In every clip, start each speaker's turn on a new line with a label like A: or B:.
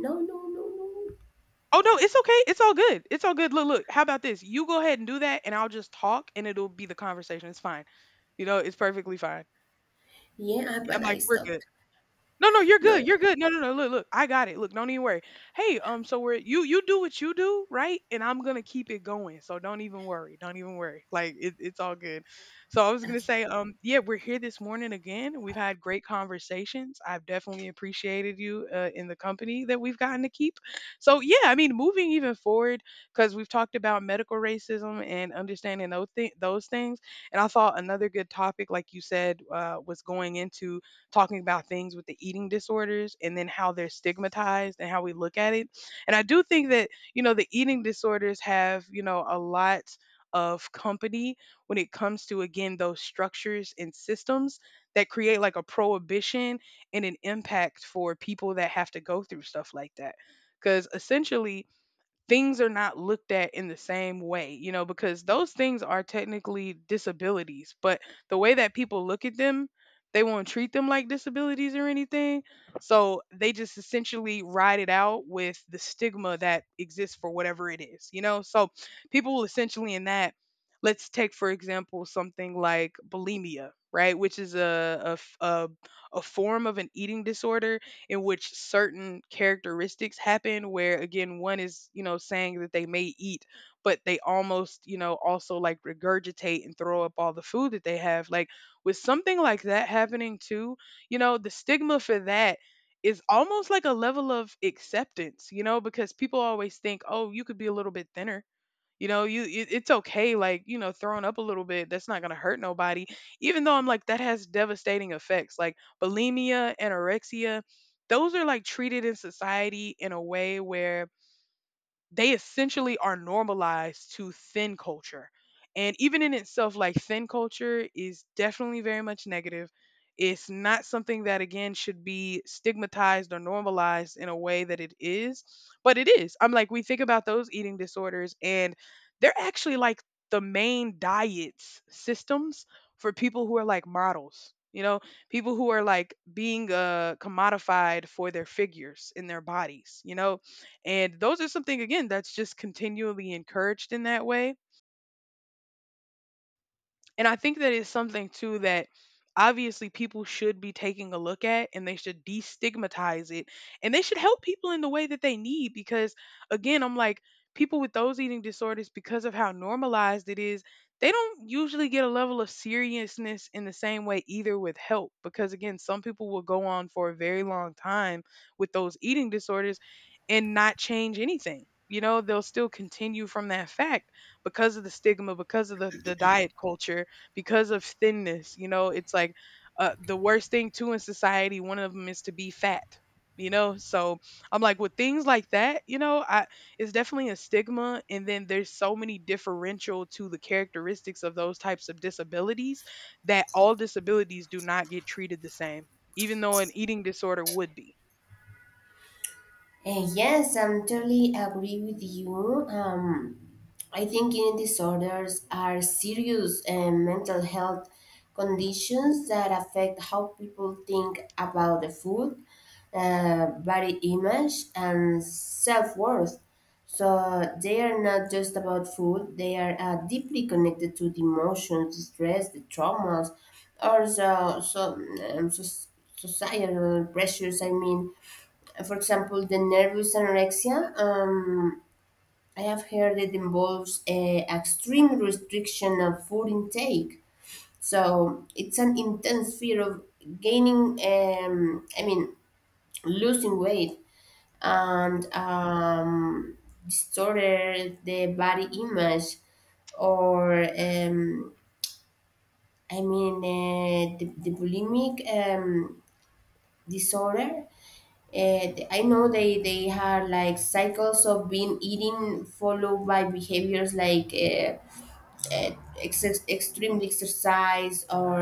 A: No, no, no, no.
B: Oh no, it's okay. It's all good. It's all good. Look, look. How about this? You go ahead and do that, and I'll just talk, and it'll be the conversation. It's fine. It's perfectly fine.
A: Yeah,
B: Yeah, I'm
A: but I
B: like, we're good.
A: stopped.
B: No, no, you're
A: No.
B: good. You're good. No, no, no. Look, look. I got it. Look, don't even worry. Hey, so we're you do what you do, right? And I'm gonna keep it going. So don't even worry. Don't even worry. Like it's all good. So I was gonna
A: Okay.
B: say, yeah, we're here this morning again. We've had great conversations. I've definitely appreciated you in the company that we've gotten to keep. So yeah, I mean, moving even forward because we've talked about medical racism and understanding those things. And I thought another good topic, like you said, was going into talking about things with the eating disorders and then how they're stigmatized and how we look at it. And I do think that, the eating disorders have, a lot of company when it comes to again those structures and systems that create like a prohibition and an impact for people that have to go through stuff like that because essentially things are not looked at in the same way, you know, because those things are technically disabilities, but the way that people look at them, they won't treat them like disabilities or anything. So they just essentially ride it out with the stigma that exists for whatever it is, you know? So people will essentially in that, let's take, for example, something like bulimia, right? Which is a, a f- a- a form of an eating disorder in which certain characteristics happen, where again, one is, you know, saying that they may eat but they almost, you know, also like regurgitate and throw up all the food that they have. Like with something like that happening too, you know, the stigma for that is almost like a level of acceptance. You know, because people always think, oh, you could be a little bit thinner, you know, it's okay, like, you know, throwing up a little bit. That's not gonna hurt nobody. Even though I'm like, that has devastating effects, like bulimia, anorexia. Those are like treated in society in a way where they essentially are normalized to thin culture. And even in itself, like, thin culture is definitely very much negative. It's not something that, again, should be stigmatized or normalized in a way that it is, but it is. I'm like, we think about those eating disorders, and they're actually like the main diets systems for people who are like models, you know, people who are like being commodified for their figures in their bodies, you know, and those are something again that's just continually encouraged in that way. And I think that is something too, that obviously people should be taking a look at, and they should destigmatize it, and they should help people in the way that they need. Because again, I'm like, people with those eating disorders, because of how normalized it is, they don't usually get a level of seriousness in the same way either with help. Because again, some people will go on for a very long time with those eating disorders and not change anything. You know, they'll still continue from that fact because of the stigma, because of the diet culture, because of thinness. You know, it's like, the worst thing too in society, one of them, is to be fat. You know, so I'm like, with things like that, you know, I, it's definitely a stigma, and then there's so many differential to the characteristics of those types of disabilities that all disabilities do not get treated the same, even though an eating disorder would be.
A: Yes, I'm totally agree with you. I think eating disorders are serious and mental health conditions that affect how people think about the food, body image, and self worth. So they are not just about food; they are deeply connected to the emotions, the stress, the traumas, or um, so societal pressures. I mean, for example, the nervous anorexia. I have heard it involves a extreme restriction of food intake. So it's an intense fear of gaining, um, I mean, losing weight, and distorted the body image, or the bulimic disorder. And I know they had like cycles of being eating followed by behaviors like extreme exercise, or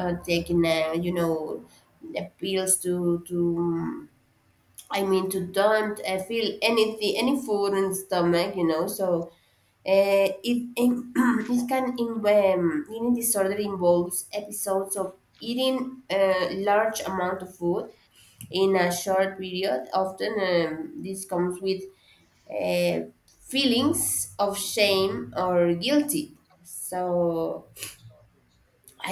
A: taking, the pills to mm, I mean, to don't feel anything, any food in stomach, you know. So eating disorder involves episodes of eating a large amount of food in a short period. Often, this comes with feelings of shame or guilty. So,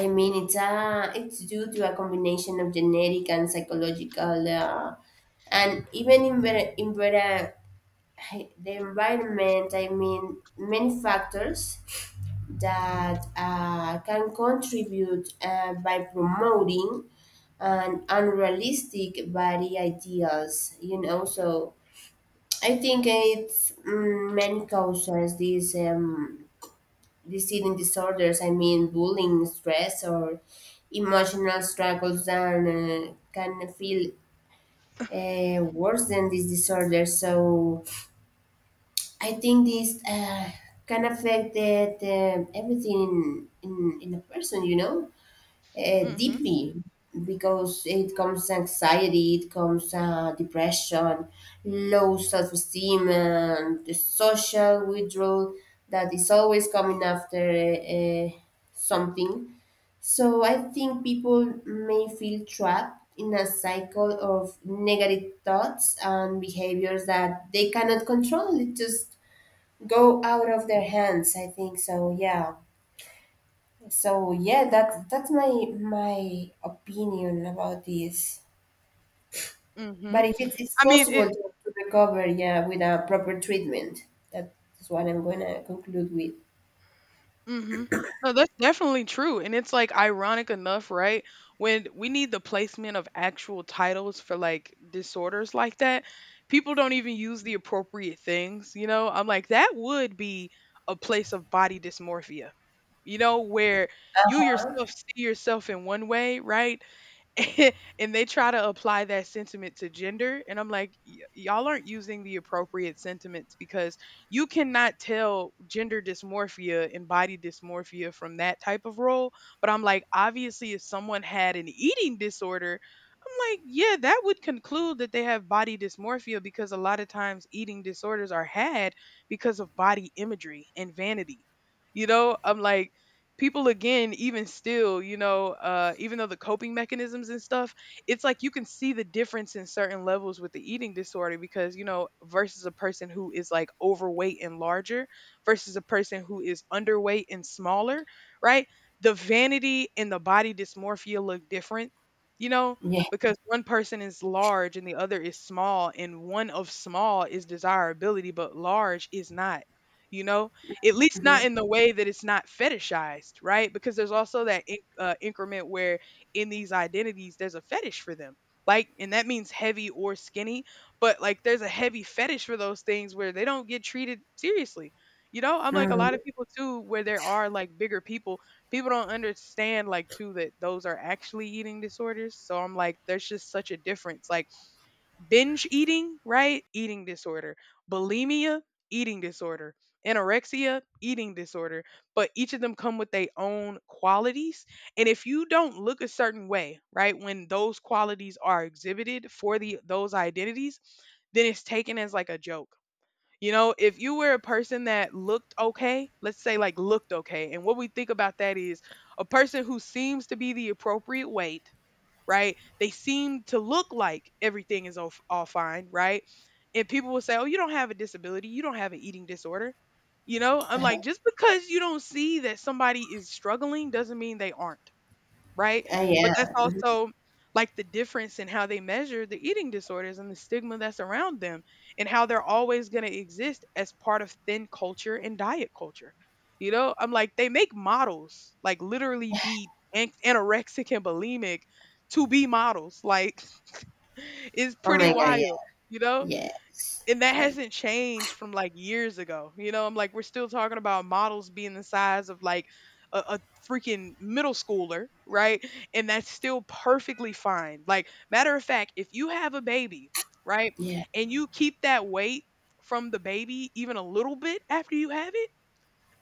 A: I mean, it's due to a combination of genetic and psychological, and even the environment. I mean, many factors that can contribute by promoting an unrealistic body ideals. You know, so I think it's, many causes. These eating disorders, I mean bullying, stress, or emotional struggles, and can feel worse than these disorders. So I think this can affect that, everything in a person, you know,
B: Mm hmm.
A: deeply, because it comes anxiety, it comes depression, low self esteem, and the social withdrawal that is always coming after something. So I think people may feel trapped in a cycle of negative thoughts and behaviors that they cannot control. It just go out of their hands. I think so. Yeah. So, yeah, that's my opinion about this.
B: Mm hmm.
A: But if it's
B: I mean,
A: possible
B: it,
A: to recover, yeah, with a proper treatment, that's what I'm gonna conclude with.
B: mhm. No, that's definitely true, and it's, like, ironic enough, right, when we need the placement of actual titles for, like, disorders like that, people don't even use the appropriate things, you know? I'm like, that would be a place of body dysmorphia, you know, where you yourself see yourself in one way, right? And they try to apply that sentiment to gender, and I'm like, "Y- y'all aren't using the appropriate sentiments, because you cannot tell gender dysmorphia and body dysmorphia from that type of role. But I'm like, obviously, if someone had an eating disorder, I'm like, yeah, that would conclude that they have body dysmorphia, because a lot of times eating disorders are had because of body imagery and vanity. You know, I'm like, people again, even still, you know, even though the coping mechanisms and stuff, it's like, you can see the difference in certain levels with the eating disorder, because, you know, versus a person who is like overweight and larger versus a person who is underweight and smaller, right? The vanity and the body dysmorphia look different, you know,
A: Yeah.
B: because one person is large and the other is small, and one of small is desirability, but large is not, you know, at least not in the way that it's not fetishized, right? Because there's also that increment where in these identities there's a fetish for them. Like, and that means heavy or skinny, but like there's a heavy fetish for those things where they don't get treated seriously. You know, I'm like, a
A: Hmm.
B: lot of people too, where there are like bigger people, people don't understand like too, that those are actually eating disorders. So I'm like, there's just such a difference. Like, binge eating, right? Eating disorder. Bulimia, eating disorder. Anorexia, eating disorder. But each of them come with their own qualities. And if you don't look a certain way, right, when those qualities are exhibited for the those identities, then it's taken as like a joke. You know, if you were a person that looked okay, let's say, like, looked okay, and what we think about that is a person who seems to be the appropriate weight, right? They seem to look like everything is all fine, right? And people will say, "Oh, you don't have a disability. You don't have an eating disorder." You know, I'm like, just because you don't see that somebody is struggling doesn't mean they aren't, right? But
A: Yeah.
B: that's also like the difference in how they measure the eating disorders and the stigma that's around them and how they're always going to exist as part of thin culture and diet culture. You know, I'm like, they make models like literally be anorexic and bulimic to be models. Like, it's
A: Oh
B: pretty
A: my God. Yeah.
B: wild, you know?
A: Yes.
B: And that
A: She.
B: hasn't changed from like years ago. You know, I'm like, we're still talking about models being the size of like a freaking middle schooler, right? And that's still perfectly fine. Like, matter of fact, if you have a baby, right,
A: Yeah.
B: and you keep that weight from the baby even a little bit after you have it,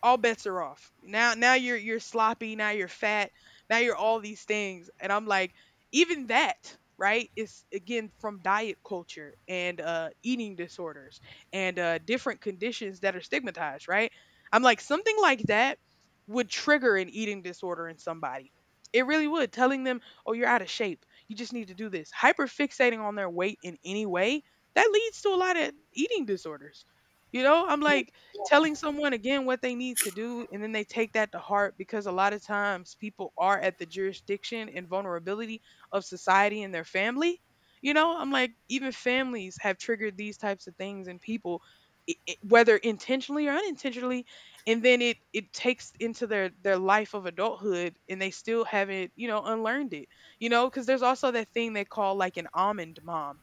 B: all bets are off. Now you're sloppy, now you're fat, now you're all these things. And I'm like, even that, right, is again from diet culture and eating disorders and different conditions that are stigmatized, right? I'm like, something like that would trigger an eating disorder in somebody. It really would. Telling them, "Oh, you're out of shape. You just need to do this." Hyperfixating on their weight in any way, that leads to a lot of eating disorders. You know, I'm
A: Yeah.
B: like, telling someone again what they need to do, and then they take that to heart, because a lot of times people are at the jurisdiction and vulnerability of society and their family. You know, I'm like, even families have triggered these types of things in people, whether intentionally or unintentionally, and then it takes into their life of adulthood, and they still haven't, you know, unlearned it. You know, because there's also that thing they call like an almond mom.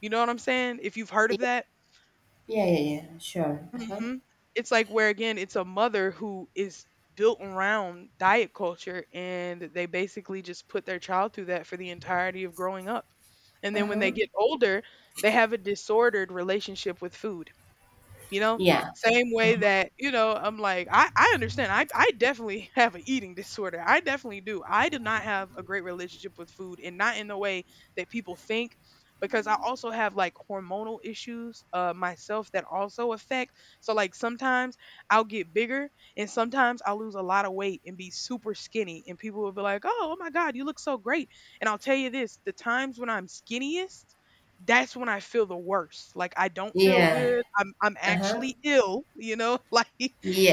B: You know what I'm saying, if you've heard
A: Yeah.
B: of
A: Yeah.
B: that.
A: Yeah. Yeah, sure. Uh huh.
B: Hmm. It's like where again, it's a mother who is built around diet culture, and they basically just put their child through that for the entirety of growing up. And
A: Uh
B: then when
A: huh.
B: they get older, they have a disordered relationship with food, you know,
A: Yeah.
B: same way that, you know, I'm like, I understand, I definitely have an eating disorder. I definitely do. I do not have a great relationship with food, and not in the way that people think, because I also have like hormonal issues, myself, that also affect. So like sometimes I'll get bigger, and sometimes I'll lose a lot of weight and be super skinny, and people will be like, oh my God, you look so great. And I'll tell you this, the times when I'm skinniest, that's when I feel the worst. Like I don't feel
A: Yeah.
B: good. I'm
A: Uh huh.
B: actually ill, you know? Like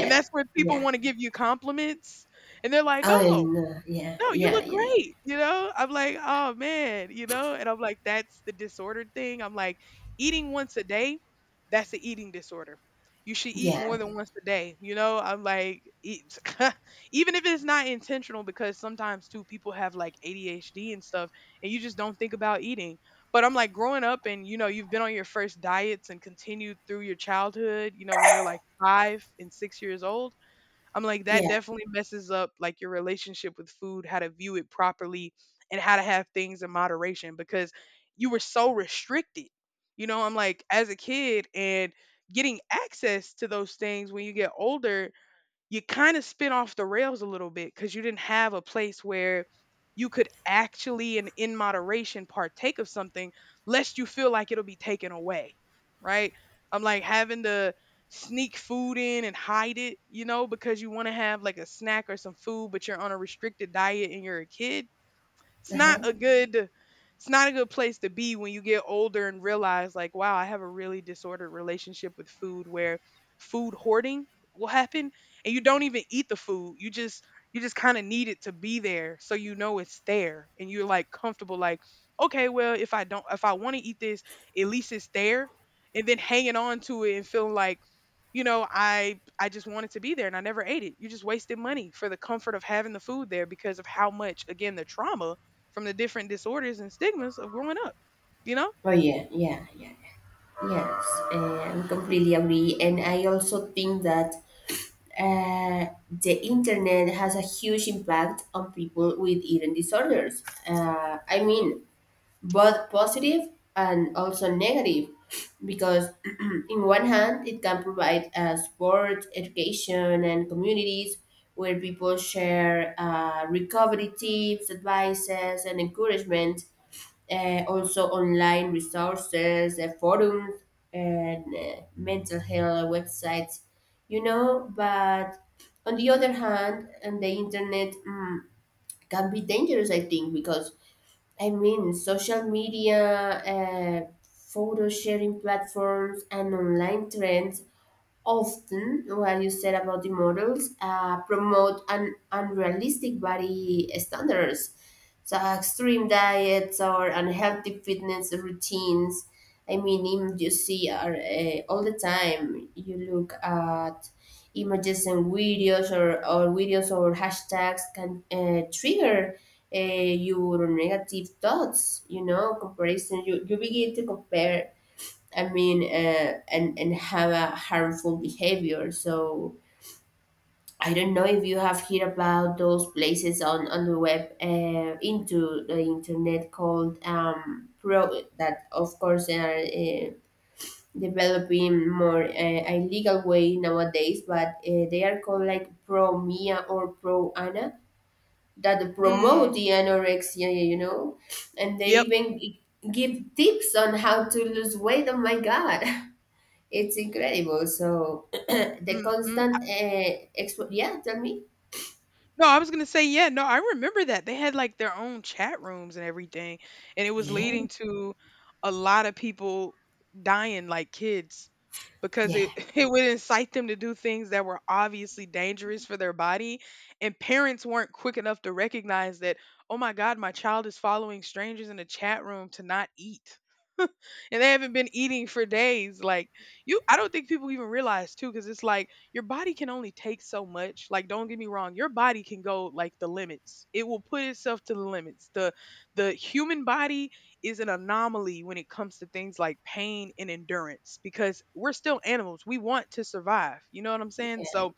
B: and that's when people
A: Yeah.
B: want to give you compliments and they're like,
A: Oh,
B: "Oh,
A: and yeah.
B: no, you
A: Yeah.
B: look
A: Yeah.
B: great, you know? I'm like, "Oh, man," you know? And I'm like, "That's the disordered thing." I'm like, "Eating once a day, that's an eating disorder. You should eat more
A: Yeah.
B: than once a day," you know? I'm like, "Eat even if it's not intentional, because sometimes too people have like ADHD and stuff, and you just don't think about eating." But I'm like, growing up and, you know, you've been on your first diets and continued through your childhood, you know, when you're like 5 and 6 years old, I'm like,
A: Yeah.
B: that
A: Yeah.
B: definitely messes up like your relationship with food, how to view it properly, and how to have things in moderation because you were so restricted. You know, I'm like, as a kid, and getting access to those things when you get older, you kind of spin off the rails a little bit because you didn't have a place where you could actually, and in moderation, partake of something lest you feel like it'll be taken away, right? I'm like having to sneak food in and hide it, you know, because you want to have like a snack or some food, but you're on a restricted diet and you're a kid. It's
A: Uh
B: not
A: huh.
B: a good, it's not a good place to be when you get older and realize like, wow, I have a really disordered relationship with food, where food hoarding will happen, and you don't even eat the food, you just, you just kind of need it to be there so you know it's there, and you're like comfortable. Like, okay, well if I don't, if I want to eat this, at least it's there. And then hanging on to it and feeling like, you know, I just wanted to be there, and I never ate it. You just wasted money for the comfort of having the food there because of how much, again, the trauma from the different disorders and stigmas of growing up, you know?
A: Oh yeah. Yeah. Yeah. Yes, I completely agree. And I also think that the internet has a huge impact on people with eating disorders. I mean, both positive and also negative, because in one hand, it can provide support, education, and communities where people share recovery tips, advices, and encouragement, also online resources, forums, and mental health websites, you know. But on the other hand, and the internet, can be dangerous, I think, because, I mean, social media, photo sharing platforms, and online trends, often what you said about the models, promote unrealistic body standards, so extreme diets or unhealthy fitness routines. I mean, you see are, all the time you look at images and videos, or videos or hashtags can trigger your negative thoughts, you know, comparison. You begin to compare. I mean, and have a harmful behavior. So I don't know if you have heard about those places on the web, into the internet, called pro, that of course they are developing more illegal way nowadays, but they are called like pro Mia or pro Anna, that
B: Mm.
A: promote the anorexia, you know, and they
B: Yep.
A: even give tips on how to lose weight. Oh my God. It's incredible. So, the
B: Mhm.
A: constant yeah, tell me.
B: No, I was gonna say, yeah, no, I remember that. They had like their own chat rooms and everything, and it was
A: Yeah.
B: leading to a lot of people dying, like kids, because
A: Yeah.
B: it it would incite them to do things that were obviously dangerous for their body, and parents weren't quick enough to recognize that, oh my God, my child is following strangers in a chat room to not eat. And they haven't been eating for days. Like, you, I don't think people even realize too, because it's like your body can only take so much. Like don't get me wrong, your body can go like the limits. It will put itself to the limits. The human body is an anomaly when it comes to things like pain and endurance because we're still animals. We want to survive. You know what I'm saying?
A: Yeah,
B: So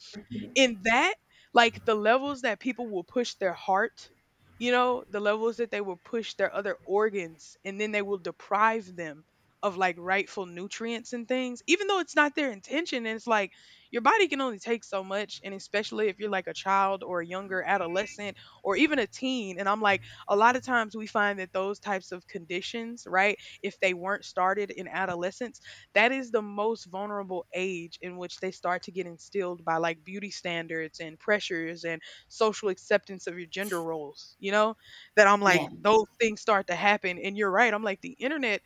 B: in that, like the levels that people will push their heart, you know, the levels that they will push their other organs, and then they will deprive them of like rightful nutrients and things even though it's not their intention, and it's like your body can only take so much, and especially if you're like a child or a younger adolescent or even a teen. And I'm like, a lot of times we find that those types of conditions, right, if they weren't started in adolescence, that is the most vulnerable age in which they start to get instilled by like beauty standards and pressures and social acceptance of your gender roles, you know? That I'm
A: yeah.
B: like, those things start to happen. And you're right. I'm like, the internet,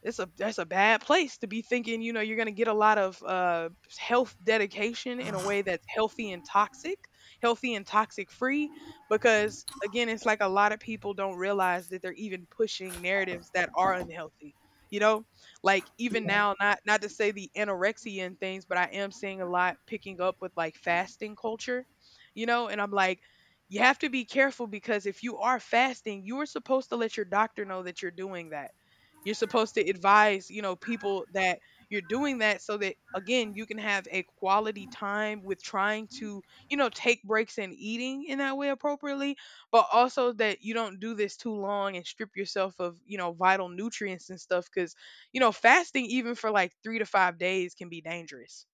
B: it's a, that's a bad place to be thinking you know you're going to get a lot of health dedication in a way that's healthy and toxic, healthy and toxic free, because again it's like a lot of people don't realize that they're even pushing narratives that are unhealthy, you know. Like even now, not to say the anorexia and things, but I am seeing a lot picking up with like fasting culture, you know. And I'm like, you have to be careful, because if you are fasting, you are supposed to let your doctor know that you're doing that. You're supposed to advise, you know, people that you're doing that, so that again, you can have a quality time with trying to, you know, take breaks and eating in that way appropriately, but also that you don't do this too long and strip yourself of, you know, vital nutrients and stuff, cuz, you know, fasting even for like 3 to 5 days can be dangerous,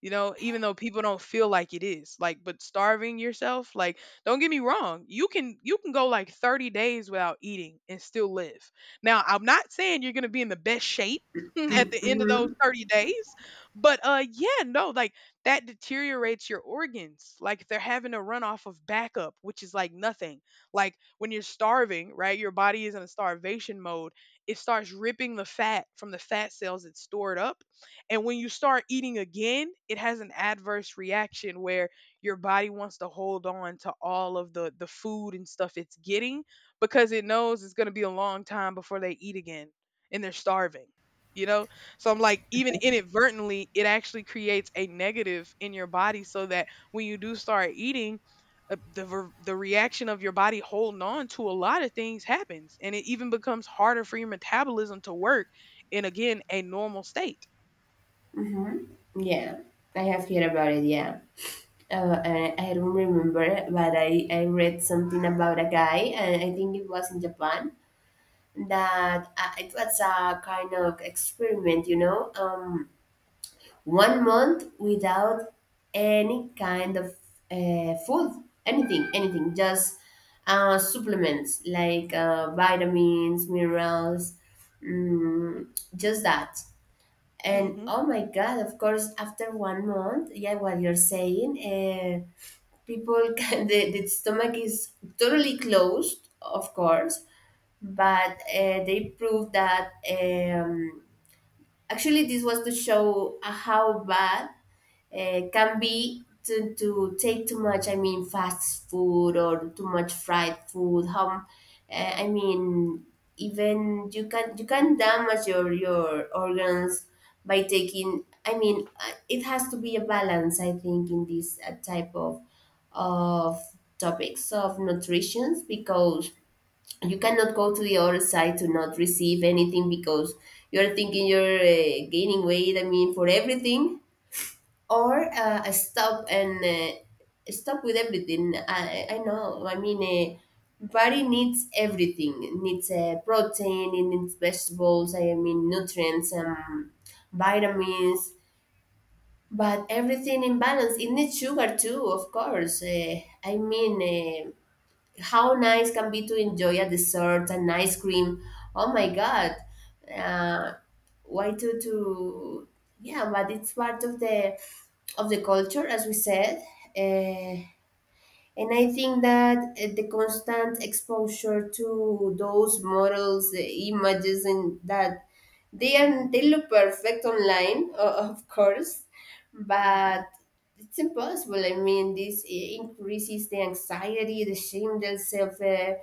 B: you know, even though people don't feel like it is. Like, but starving yourself, like don't get me wrong, you can go like 30 days without eating and still live. Now, I'm not saying you're going to be in the best shape at the end of those
A: Mm-hmm.
B: 30 days, but yeah. No, like that deteriorates your organs, like they're having a run off of backup which is like nothing. Like when you're starving, right, your body is in a starvation mode. It starts ripping the fat from the fat cells it's stored up. And when you start eating again, it has an adverse reaction where your body wants to hold on to all of the food and stuff it's getting, because it knows it's going to be a long time before they eat again, and they're starving. You know? So I'm like, even inadvertently, it actually creates a negative in your body, so that when you do start eating, the reaction of your body holding on to a lot of things happens, and it even becomes harder for your metabolism to work in, again, a normal state.
A: Mm-hmm. Yeah, I have heard about it. Yeah, I don't remember, but I read something about a guy, and I think it was in Japan, that it was a kind of experiment, you know, 1 month without any kind of food, anything, anything, just supplements like vitamins, minerals, mm, just that. And,
B: Mhm.
A: oh my God, of course, after 1 month, yeah, what you're saying, people can, the stomach is totally closed, of course, but they proved that, um, actually this was to show how bad can be to take too much, I mean, fast food or too much fried food. How, I mean, even you can damage your organs by taking. I mean, it has to be a balance. I think in this type of of topics of nutrition, because you cannot go to the other side to not receive anything, because you're thinking you're gaining weight. I mean, for everything, or I stop and stop with everything. I know. I mean, body needs everything. It needs protein. It needs vegetables. I mean, nutrients, and vitamins. But everything in balance. It needs sugar too, of course. I mean, how nice can be to enjoy a dessert and ice cream. Oh my God. Uh, why to Yeah, but it's part of the culture, as we said, uh, and I think that the constant exposure to those models, images, and that they look perfect online, of course,
B: Mhm.
A: but it's impossible. I mean, this increases the anxiety, the shame, the self, uh,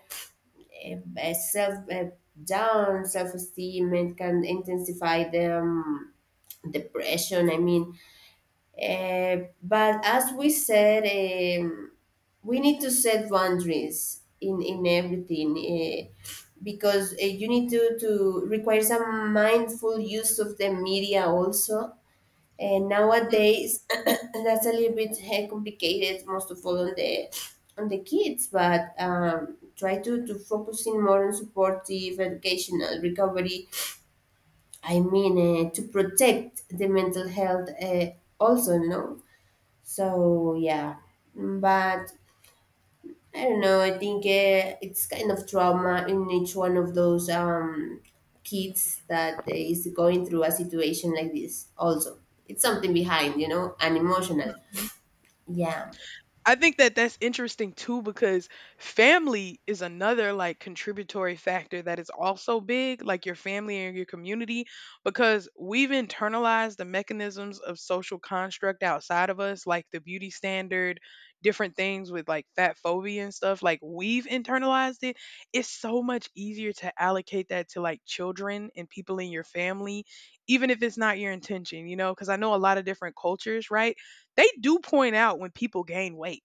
A: uh, self, down, self esteem, and can intensify the depression. I mean, but as we said. Um, we need to set boundaries in everything, because, you need to require some mindful use of the media also, and
B: Mm,
A: nowadays that's a little bit complicated, most of all on the kids, but try to focus in more on supportive educational recovery. I mean, to protect the mental health, also, no. So yeah, but I don't know. I think it's kind of trauma in each one of those, kids that is going through a situation like this. Also, it's something behind, you know, and emotional.
B: mhm.
A: Yeah.
B: I think that that's interesting too, because family is another like contributory factor that is also big, like your family and your community, because we've internalized the mechanisms of social construct outside of us, like the beauty standard, different things with like fat phobia and stuff. Like we've internalized it. It's so much easier to allocate that to like children and people in your family, even if it's not your intention, you know, because I know a lot of different cultures, right? They do point out when people gain weight.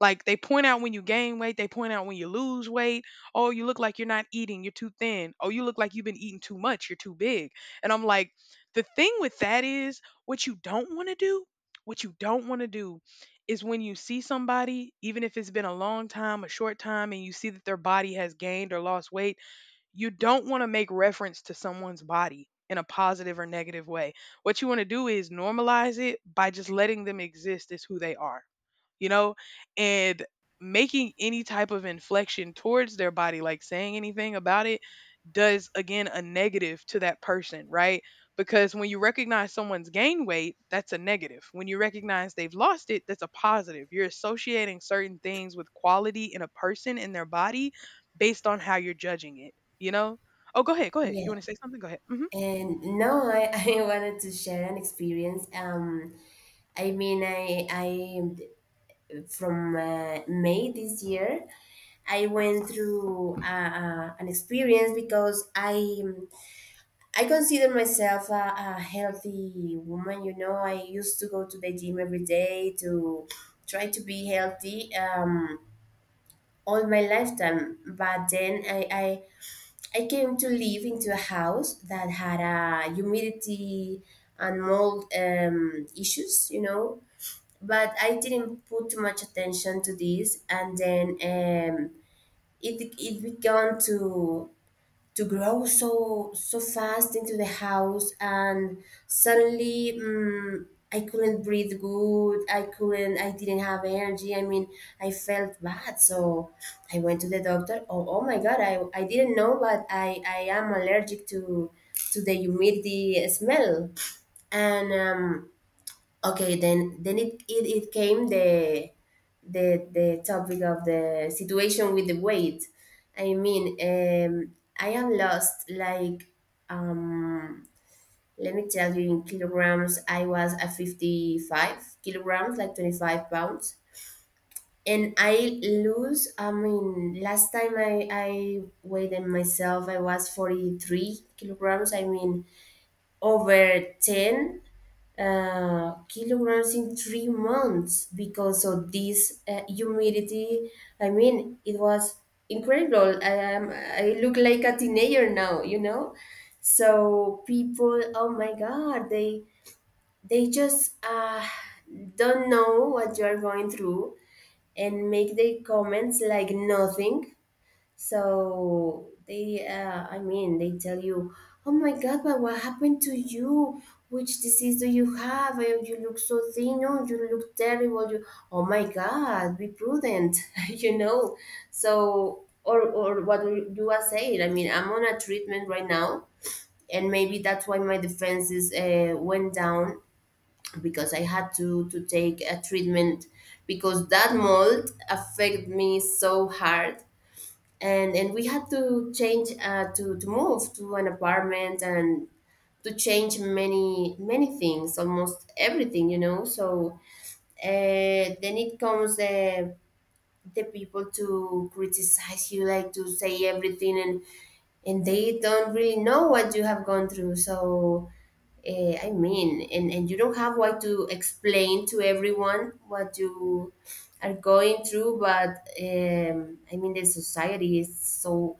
B: Like they point out when you gain weight, they point out when you lose weight. Oh, you look like you're not eating, you're too thin. Oh, you look like you've been eating too much, you're too big. And I'm like, the thing with that is what you don't want to do, what you don't want to do is when you see somebody, even if it's been a long time, a short time, and you see that their body has gained or lost weight, you don't want to make reference to someone's body in a positive or negative way. What you want to do is normalize it by just letting them exist as who they are, you know, and making any type of inflection towards their body, like saying anything about it, does again a negative to that person, right? Because when you recognize someone's gained weight, that's a negative. When you recognize they've lost it, that's a positive. You're associating certain things with quality in a person in their body based on how you're judging it, you know? Oh, go ahead, go ahead.
A: yeah.
B: You want to say something? Go ahead. Hmm.
A: And now I, I wanted to share an experience. I mean, I from May this year, I went through an experience, because I consider myself a healthy woman. You know, I used to go to the gym every day to try to be healthy, all my lifetime. But then I came to live into a house that had a humidity and mold, issues. You know, but I didn't put too much attention to this, and then, it began to grow so fast into the house. And suddenly, I couldn't breathe good. I couldn't. I didn't have energy. I mean, I felt bad, so I went to the doctor. Oh, oh my God, I didn't know, but I am allergic to the humidity smell. And okay, then it came the topic of the situation with the weight. I mean, I am lost like, um, let me tell you in kilograms. I was at 55 kilograms, like 25 pounds, and I lose. I mean, last time I weighed myself, I was 43 kilograms. I mean, over 10 kilograms in 3 months, because of this humidity. I mean, it was incredible. I look like a teenager now, you know. So people, oh my God, they just don't know what you are going through, and make their comments like nothing. So, I mean, they tell you, "Oh my God, but what happened to you? Which disease do you have? You look so thin. Oh, you look terrible. You, oh my God, be prudent, you know." So, or what do I say? I mean, I'm on a treatment right now, and maybe that's why my defenses went down, because I had to take a treatment, because that mold affected me so hard, and we had to change, to move to an apartment, and to change many things, almost everything, you know. So, then it comes the people to criticize you, like to say everything, and they don't really know what you have gone through. So, I mean, and you don't have what to explain to everyone what you are going through. But I mean, the society is so,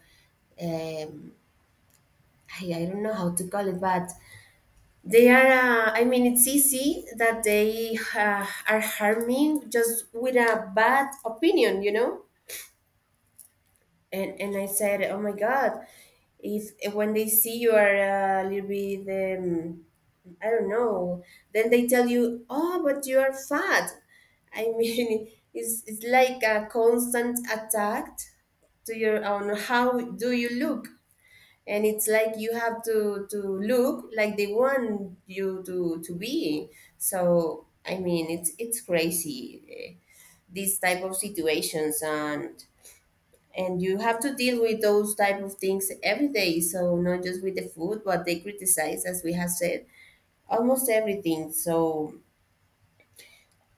A: um, I don't know how to call it, but they are, I mean, it's easy that they are harming just with a bad opinion, you know? And I said, oh my God, if when they see you are a little bit, I don't know, then they tell you, oh, but you are fat. I mean, it's like a constant attack to your own, how do you look? And it's like you have to look like they want you to be. So I mean it's crazy, these type of situations, and you have to deal with those type of things every day, so not just with the food, but they criticize, as we have said, almost everything. So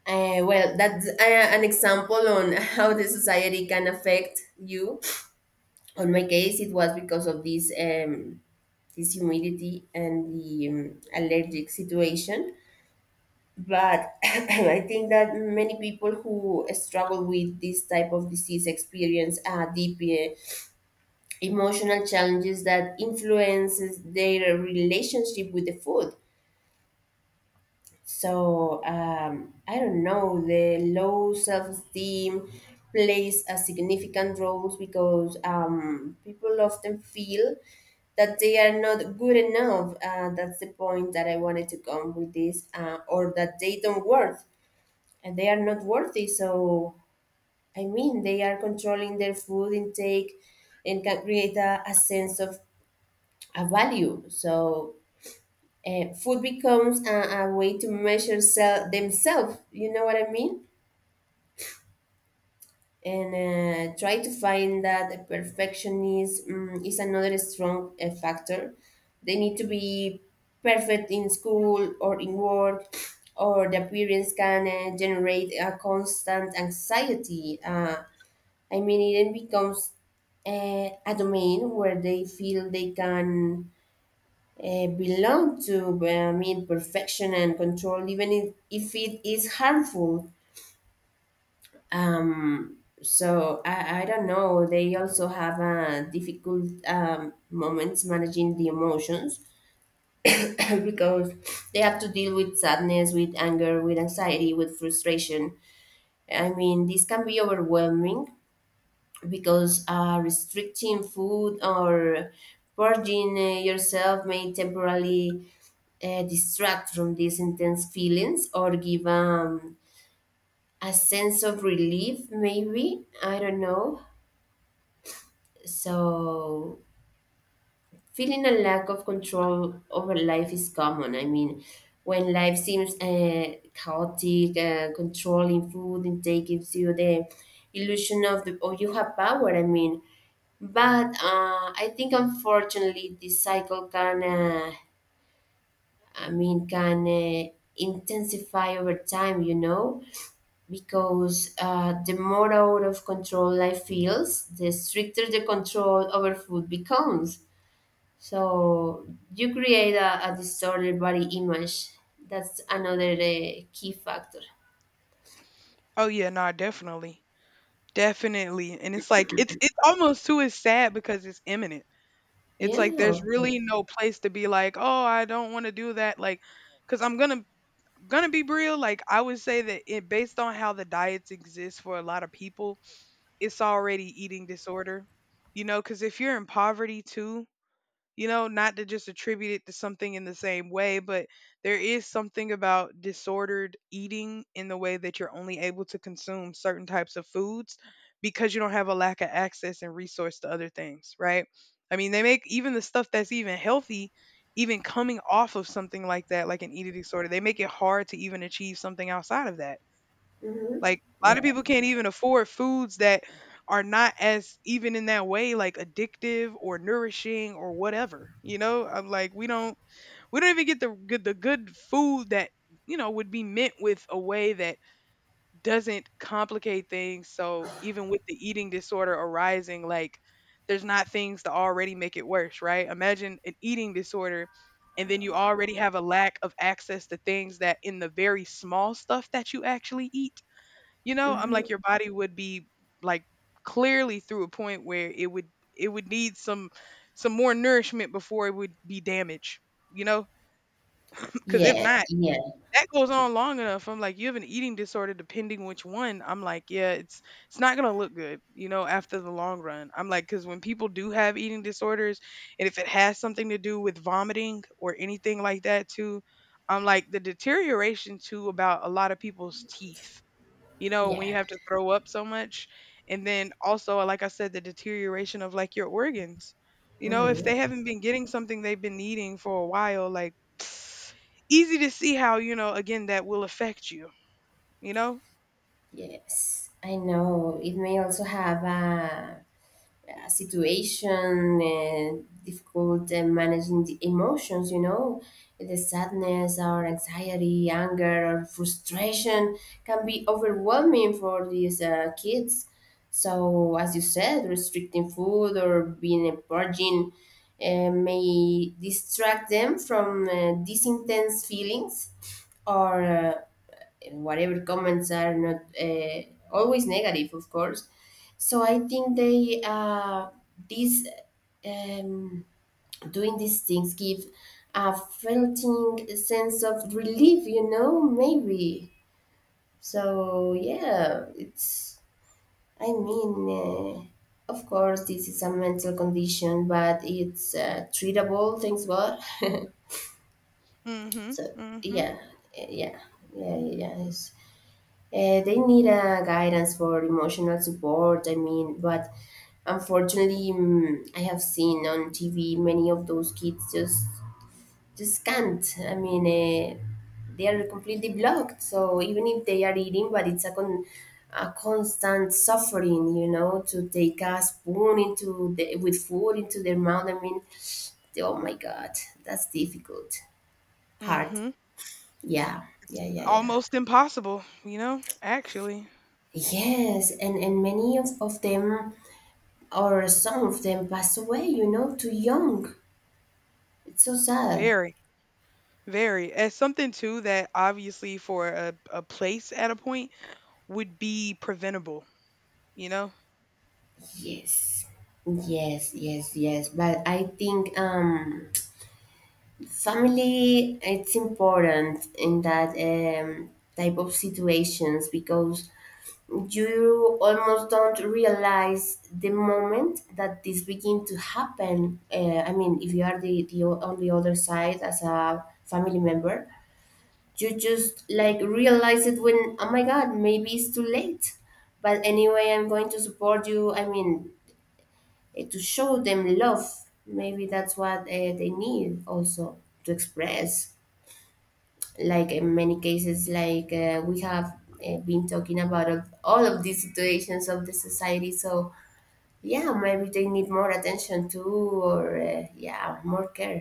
A: well, that's an example on how the society can affect you. On my case it was because of this this humidity and the allergic situation. But I think that many people who struggle with this type of disease experience deep emotional challenges that influences their relationship with the food. So I don't know. The low self esteem plays a significant role because people often feel that they are not good enough. That's the point that I wanted to come with this, or that they don't worth and they are not worthy. So I mean, they are controlling their food intake and can create a sense of a value. So food becomes a way to measure themselves, you know what I mean? And try to find that the perfection is is another strong factor. They need to be perfect in school or in work, or the appearance can generate a constant anxiety. I mean, it then becomes a domain where they feel they can belong to, well, I mean, perfection and control, even if it is harmful. So I don't know. They also have difficult moments managing the emotions, because they have to deal with sadness, with anger, with anxiety, with frustration. I mean, this can be overwhelming because restricting food or purging yourself may temporarily distract from these intense feelings or give a sense of relief, maybe. I don't know. So, feeling a lack of control over life is common. I mean, when life seems chaotic, controlling food intake gives you the illusion of the, oh, you have power. I mean, but I think unfortunately this cycle can, I mean, can uh, intensify over time. You know, because the more out of control life feels, the stricter the control over food becomes. So you create a distorted body image. That's another key factor.
B: Oh yeah, no, definitely, definitely. And it's like, it's almost too is sad, because it's imminent. It's like
A: Yeah,
B: there's
A: of course.
B: really no place to be like, oh, I don't want to do that, like, because I'm gonna be real. Like, I would say that it, based on how the diets exist for a lot of people, it's already eating disorder. You know, because if you're in poverty too, you know, not to just attribute it to something in the same way, but there is something about disordered eating in the way that you're only able to consume certain types of foods because you don't have a lack of access and resource to other things, right? I mean, they make even the stuff that's even healthy, even coming off of something like that, like an eating disorder, they make it hard to even achieve something outside of that.
A: Hmm.
B: Like a lot of
A: Yeah.
B: people can't even afford foods that are not as even in that way like addictive or nourishing or whatever. You know, I'm like we don't even get the good food that, you know, would be meant with a way that doesn't complicate things. So even with the eating disorder arising, like there's not things to already make it worse, right? Imagine an eating disorder and then you already have a lack of access to things that in the very small stuff that you actually eat, you know, I'm
A: Hmm.
B: like your body would be like clearly through a point where it would need some more nourishment before it would be damaged, you know? Cuz if
A: Yeah.
B: not,
A: Yeah.
B: that goes on long enough. I'm like you have an eating disorder depending which one. I'm like, yeah, it's not going to look good, you know, after the long run. I'm like cuz when people do have eating disorders and if it has something to do with vomiting or anything like that too, I'm like the deterioration too about a lot of people's teeth, you know, when you
A: Yeah.
B: have to throw up so much. And then also, like I said, the deterioration of like your organs. You know, if they
A: Hmm.
B: haven't been getting something they've been needing for a while, like easy to see how, you know, again, that will affect you, you know?
A: Yes. I know. It may also have a situation, difficult managing the emotions, you know, the sadness or anxiety, anger or frustration can be overwhelming for these kids. So, as you said, restricting food or being a virgin may distract them from these intense feelings or and whatever comments are not always negative, of course. So I think this, um, doing these things give a felting sense of relief, you know, maybe. So yeah, it's. I mean, of course, this is a mental condition, but it's treatable. Thanks God.
B: Mm hmm.
A: So
B: Mm hmm.
A: yeah, yeah, yeah, yeah. Yeah. They need a guidance for emotional support. I mean, but unfortunately, I have seen on TV many of those kids just can't. I mean, they are completely blocked. So even if they are eating, but it's a constant suffering, you know, to take a spoon into the, with food into their mouth. I mean, oh my God, that's difficult,
B: Mm
A: hard.
B: hmm.
A: Yeah,
B: It's
A: yeah, yeah, yeah.
B: almost impossible, you know, actually.
A: Yes, and many of them or some of them pass away, you know, too young. It's so sad.
B: Very, very. As something too that obviously for a place at a point would be preventable, you know?
A: Yes. Yes, yes, yes. But I think family it's important in that type of situations because you almost don't realize the moment that this begin to happen. I mean, if you are the on the other side as a family member, you just like realize it when, oh my god, maybe it's too late, but anyway I'm going to support you. I mean, to show them love, maybe that's what they need also, to express like in many cases, like we have been talking about all of these situations of the society. So yeah, maybe they need more attention too, or yeah, more care.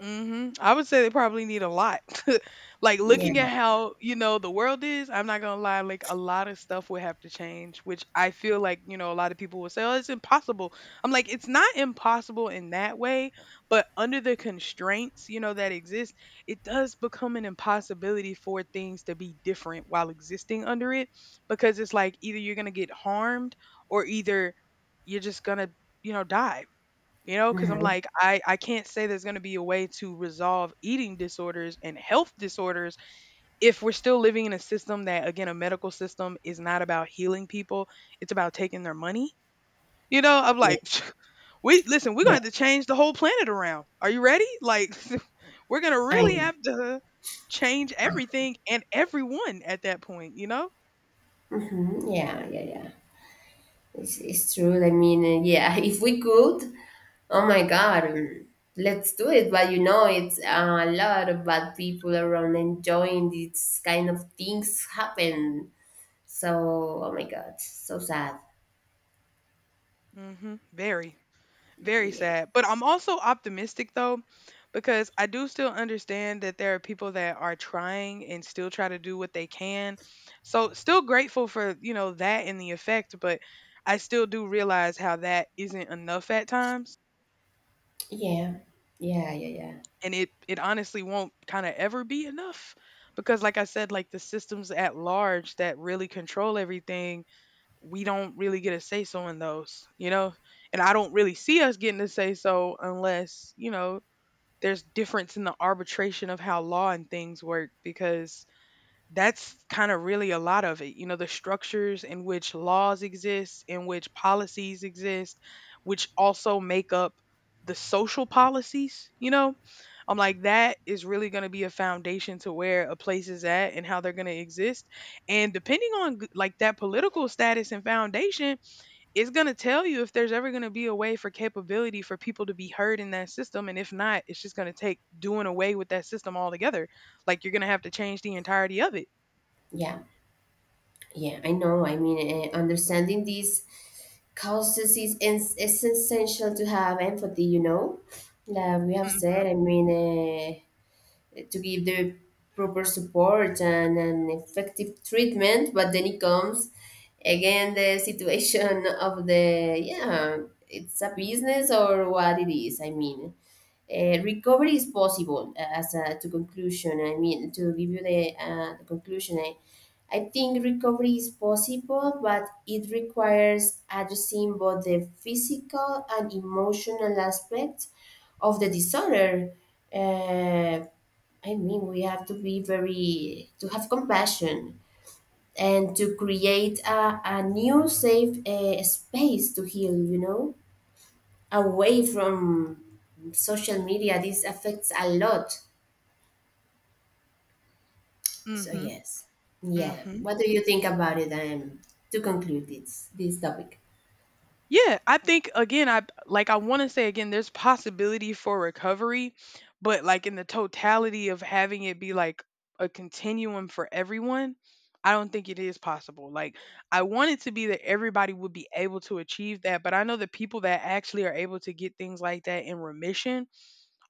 B: Mhm. I would say they probably need a lot. Like
A: Yeah.
B: looking at how, you know, the world is, I'm not going to lie, like a lot of stuff would have to change, which I feel like, you know, a lot of people will say, "Oh, it's impossible." I'm like, "It's not impossible in that way, but under the constraints, you know, that exist, it does become an impossibility for things to be different while existing under it because it's like either you're going to get harmed or either you're just going to, you know, die." You know, because 'cause I'm
A: Uh-huh.
B: like, I can't say there's gonna be a way to resolve eating disorders and health disorders if we're still living in a system that, again, a medical system is not about healing people, it's about taking their money. You know, I'm
A: Yeah,
B: like, we listen, we're gonna
A: yeah,
B: have to change the whole planet around. Are you ready? Like, we're gonna
A: I
B: really
A: know.
B: have to change everything and everyone at that point, you know?
A: Mhm. Yeah, yeah, yeah. It's true. I mean, yeah, if we could, oh my God, let's do it. But you know, it's a lot of bad people around enjoying these kind of things happen. So, oh my God, so sad.
B: Hmm. Very. Very
A: Yeah,
B: sad. But I'm also optimistic though, because I do still understand that there are people that are trying and still try to do what they can. So still grateful for, you know, that and the effect, but I still do realize how that isn't enough at times.
A: yeah, yeah, yeah, yeah,
B: And it honestly won't kind of ever be enough. Because like I said, like the systems at large that really control everything, we don't really get a say so in those, you know? And I don't really see us getting a say so unless, you know, there's difference in the arbitration of how law and things work because that's kind of really a lot of it. You know, the structures in which laws exist, in which policies exist, which also make up the social policies, you know? I'm like, that is really going to be a foundation to where a place is at and how they're going to exist. And depending on like that political status and foundation, it's going to tell you if there's ever going to be a way for capability for people to be heard in that system. And if not, it's just going to take doing away with that system altogether. Like you're going to have to change the entirety of it.
A: yeah. Yeah, I know. I mean, understanding these causes is it's essential to have empathy. You know, like we have said. I mean. Uh, to give the proper support and an effective treatment, but then it comes again the situation of the, yeah, it's a business or what it is. I mean, recovery is possible as a, to conclusion, I mean, to give you the conclusion, I think recovery is possible, but it requires addressing both the physical and emotional aspects of the disorder. uh, I mean, we have to be very, to have compassion and to create a new safe space to heal. You know, away from social media, this affects a lot. So
B: Mm-hmm.
A: yes, yeah.
B: Mm-hmm.
A: What do you think about it? To conclude this topic.
B: Yeah, I think again, I like I want to say again, there's possibility for recovery, but like in the totality of having it be like a continuum for everyone, I don't think it is possible. Like I want it to be that everybody would be able to achieve that, but I know the people that actually are able to get things like that in remission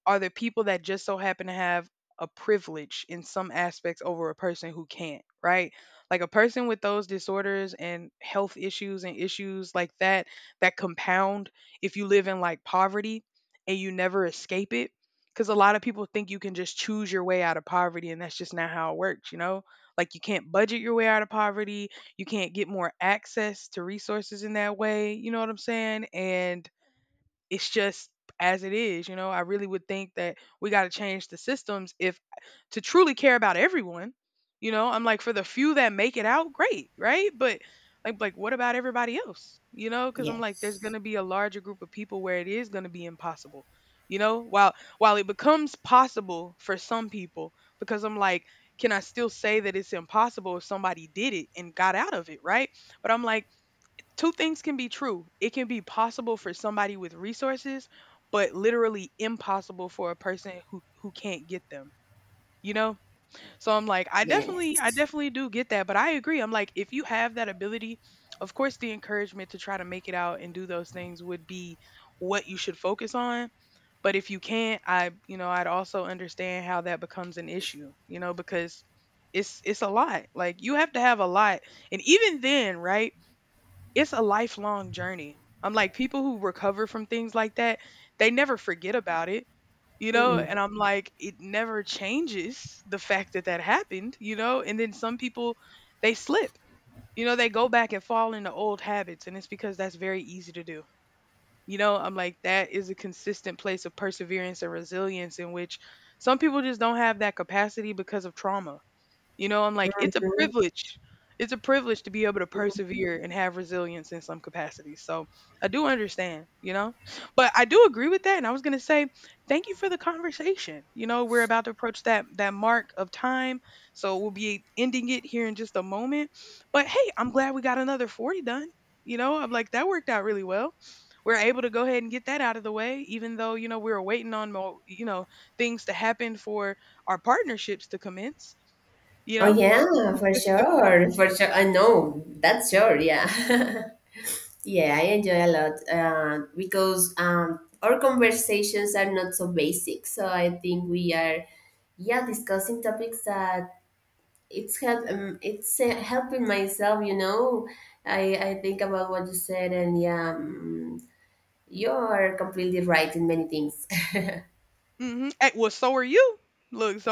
B: are there people that just so happen to have a privilege in some aspects over a person who can't, right? Like a person with those disorders and health issues and issues like that that compound if you live in like poverty and you never escape it. Because a lot of people think you can just choose your way out of poverty, and that's just not how it works, you know? Like, you can't budget your way out of poverty. You can't get more access to resources in that way. You know what I'm saying? And it's just as it is, you know. I really would think that we got to change the systems if to truly care about everyone, you know. I'm like for the few that make it out, great, right? But like what about everybody else? You know, cuz I'm like there's
A: Yes,
B: going to be a larger group of people where it is going to be impossible. You know, while it becomes possible for some people because I'm like can I still say that it's impossible if somebody did it and got out of it, right? But I'm like two things can be true. It can be possible for somebody with resources, but literally impossible for a person who can't get them. You know? So I'm like, I definitely I
A: yes.
B: definitely do get that, but I agree. I'm like if you have that ability, of course the encouragement to try to make it out and do those things would be what you should focus on, but if you can't, I you know, I'd also understand how that becomes an issue, you know, because it's a lot. Like you have to have a lot. And even then, right? It's a lifelong journey. I'm like, people who recover from things like that, they never forget about it, you know?
A: Mm-mm.
B: And I'm like, it never changes the fact that that happened, you know? And then some people, they slip, you know, they go back and fall into old habits. And it's because that's very easy to do. You know, I'm like, that is a consistent place of perseverance and resilience in which some people just don't have that capacity because of trauma, you know, I'm like, it's a privilege. It's a privilege to be able to persevere and have resilience in some capacity. So I do understand, you know, but I do agree with that. And I was going to say, thank you for the conversation. You know, we're about to approach that mark of time, so we'll be ending it here in just a moment. But hey, I'm glad we got another 40 done. You know, I'm like that worked out really well. We're able to go ahead and get that out of the way, even though you know we were waiting on more, you know, things to happen for our partnerships to commence, you
A: Oh
B: know.
A: yeah, for sure, for sure. I know that's sure. Yeah, yeah. I enjoy a lot because our conversations are not so basic. So I think we are, yeah, discussing topics that it's help, it's helping myself, you know. I think about what you said, and yeah, you're completely right in many things.
B: Hmm. Well, so are you. Look, so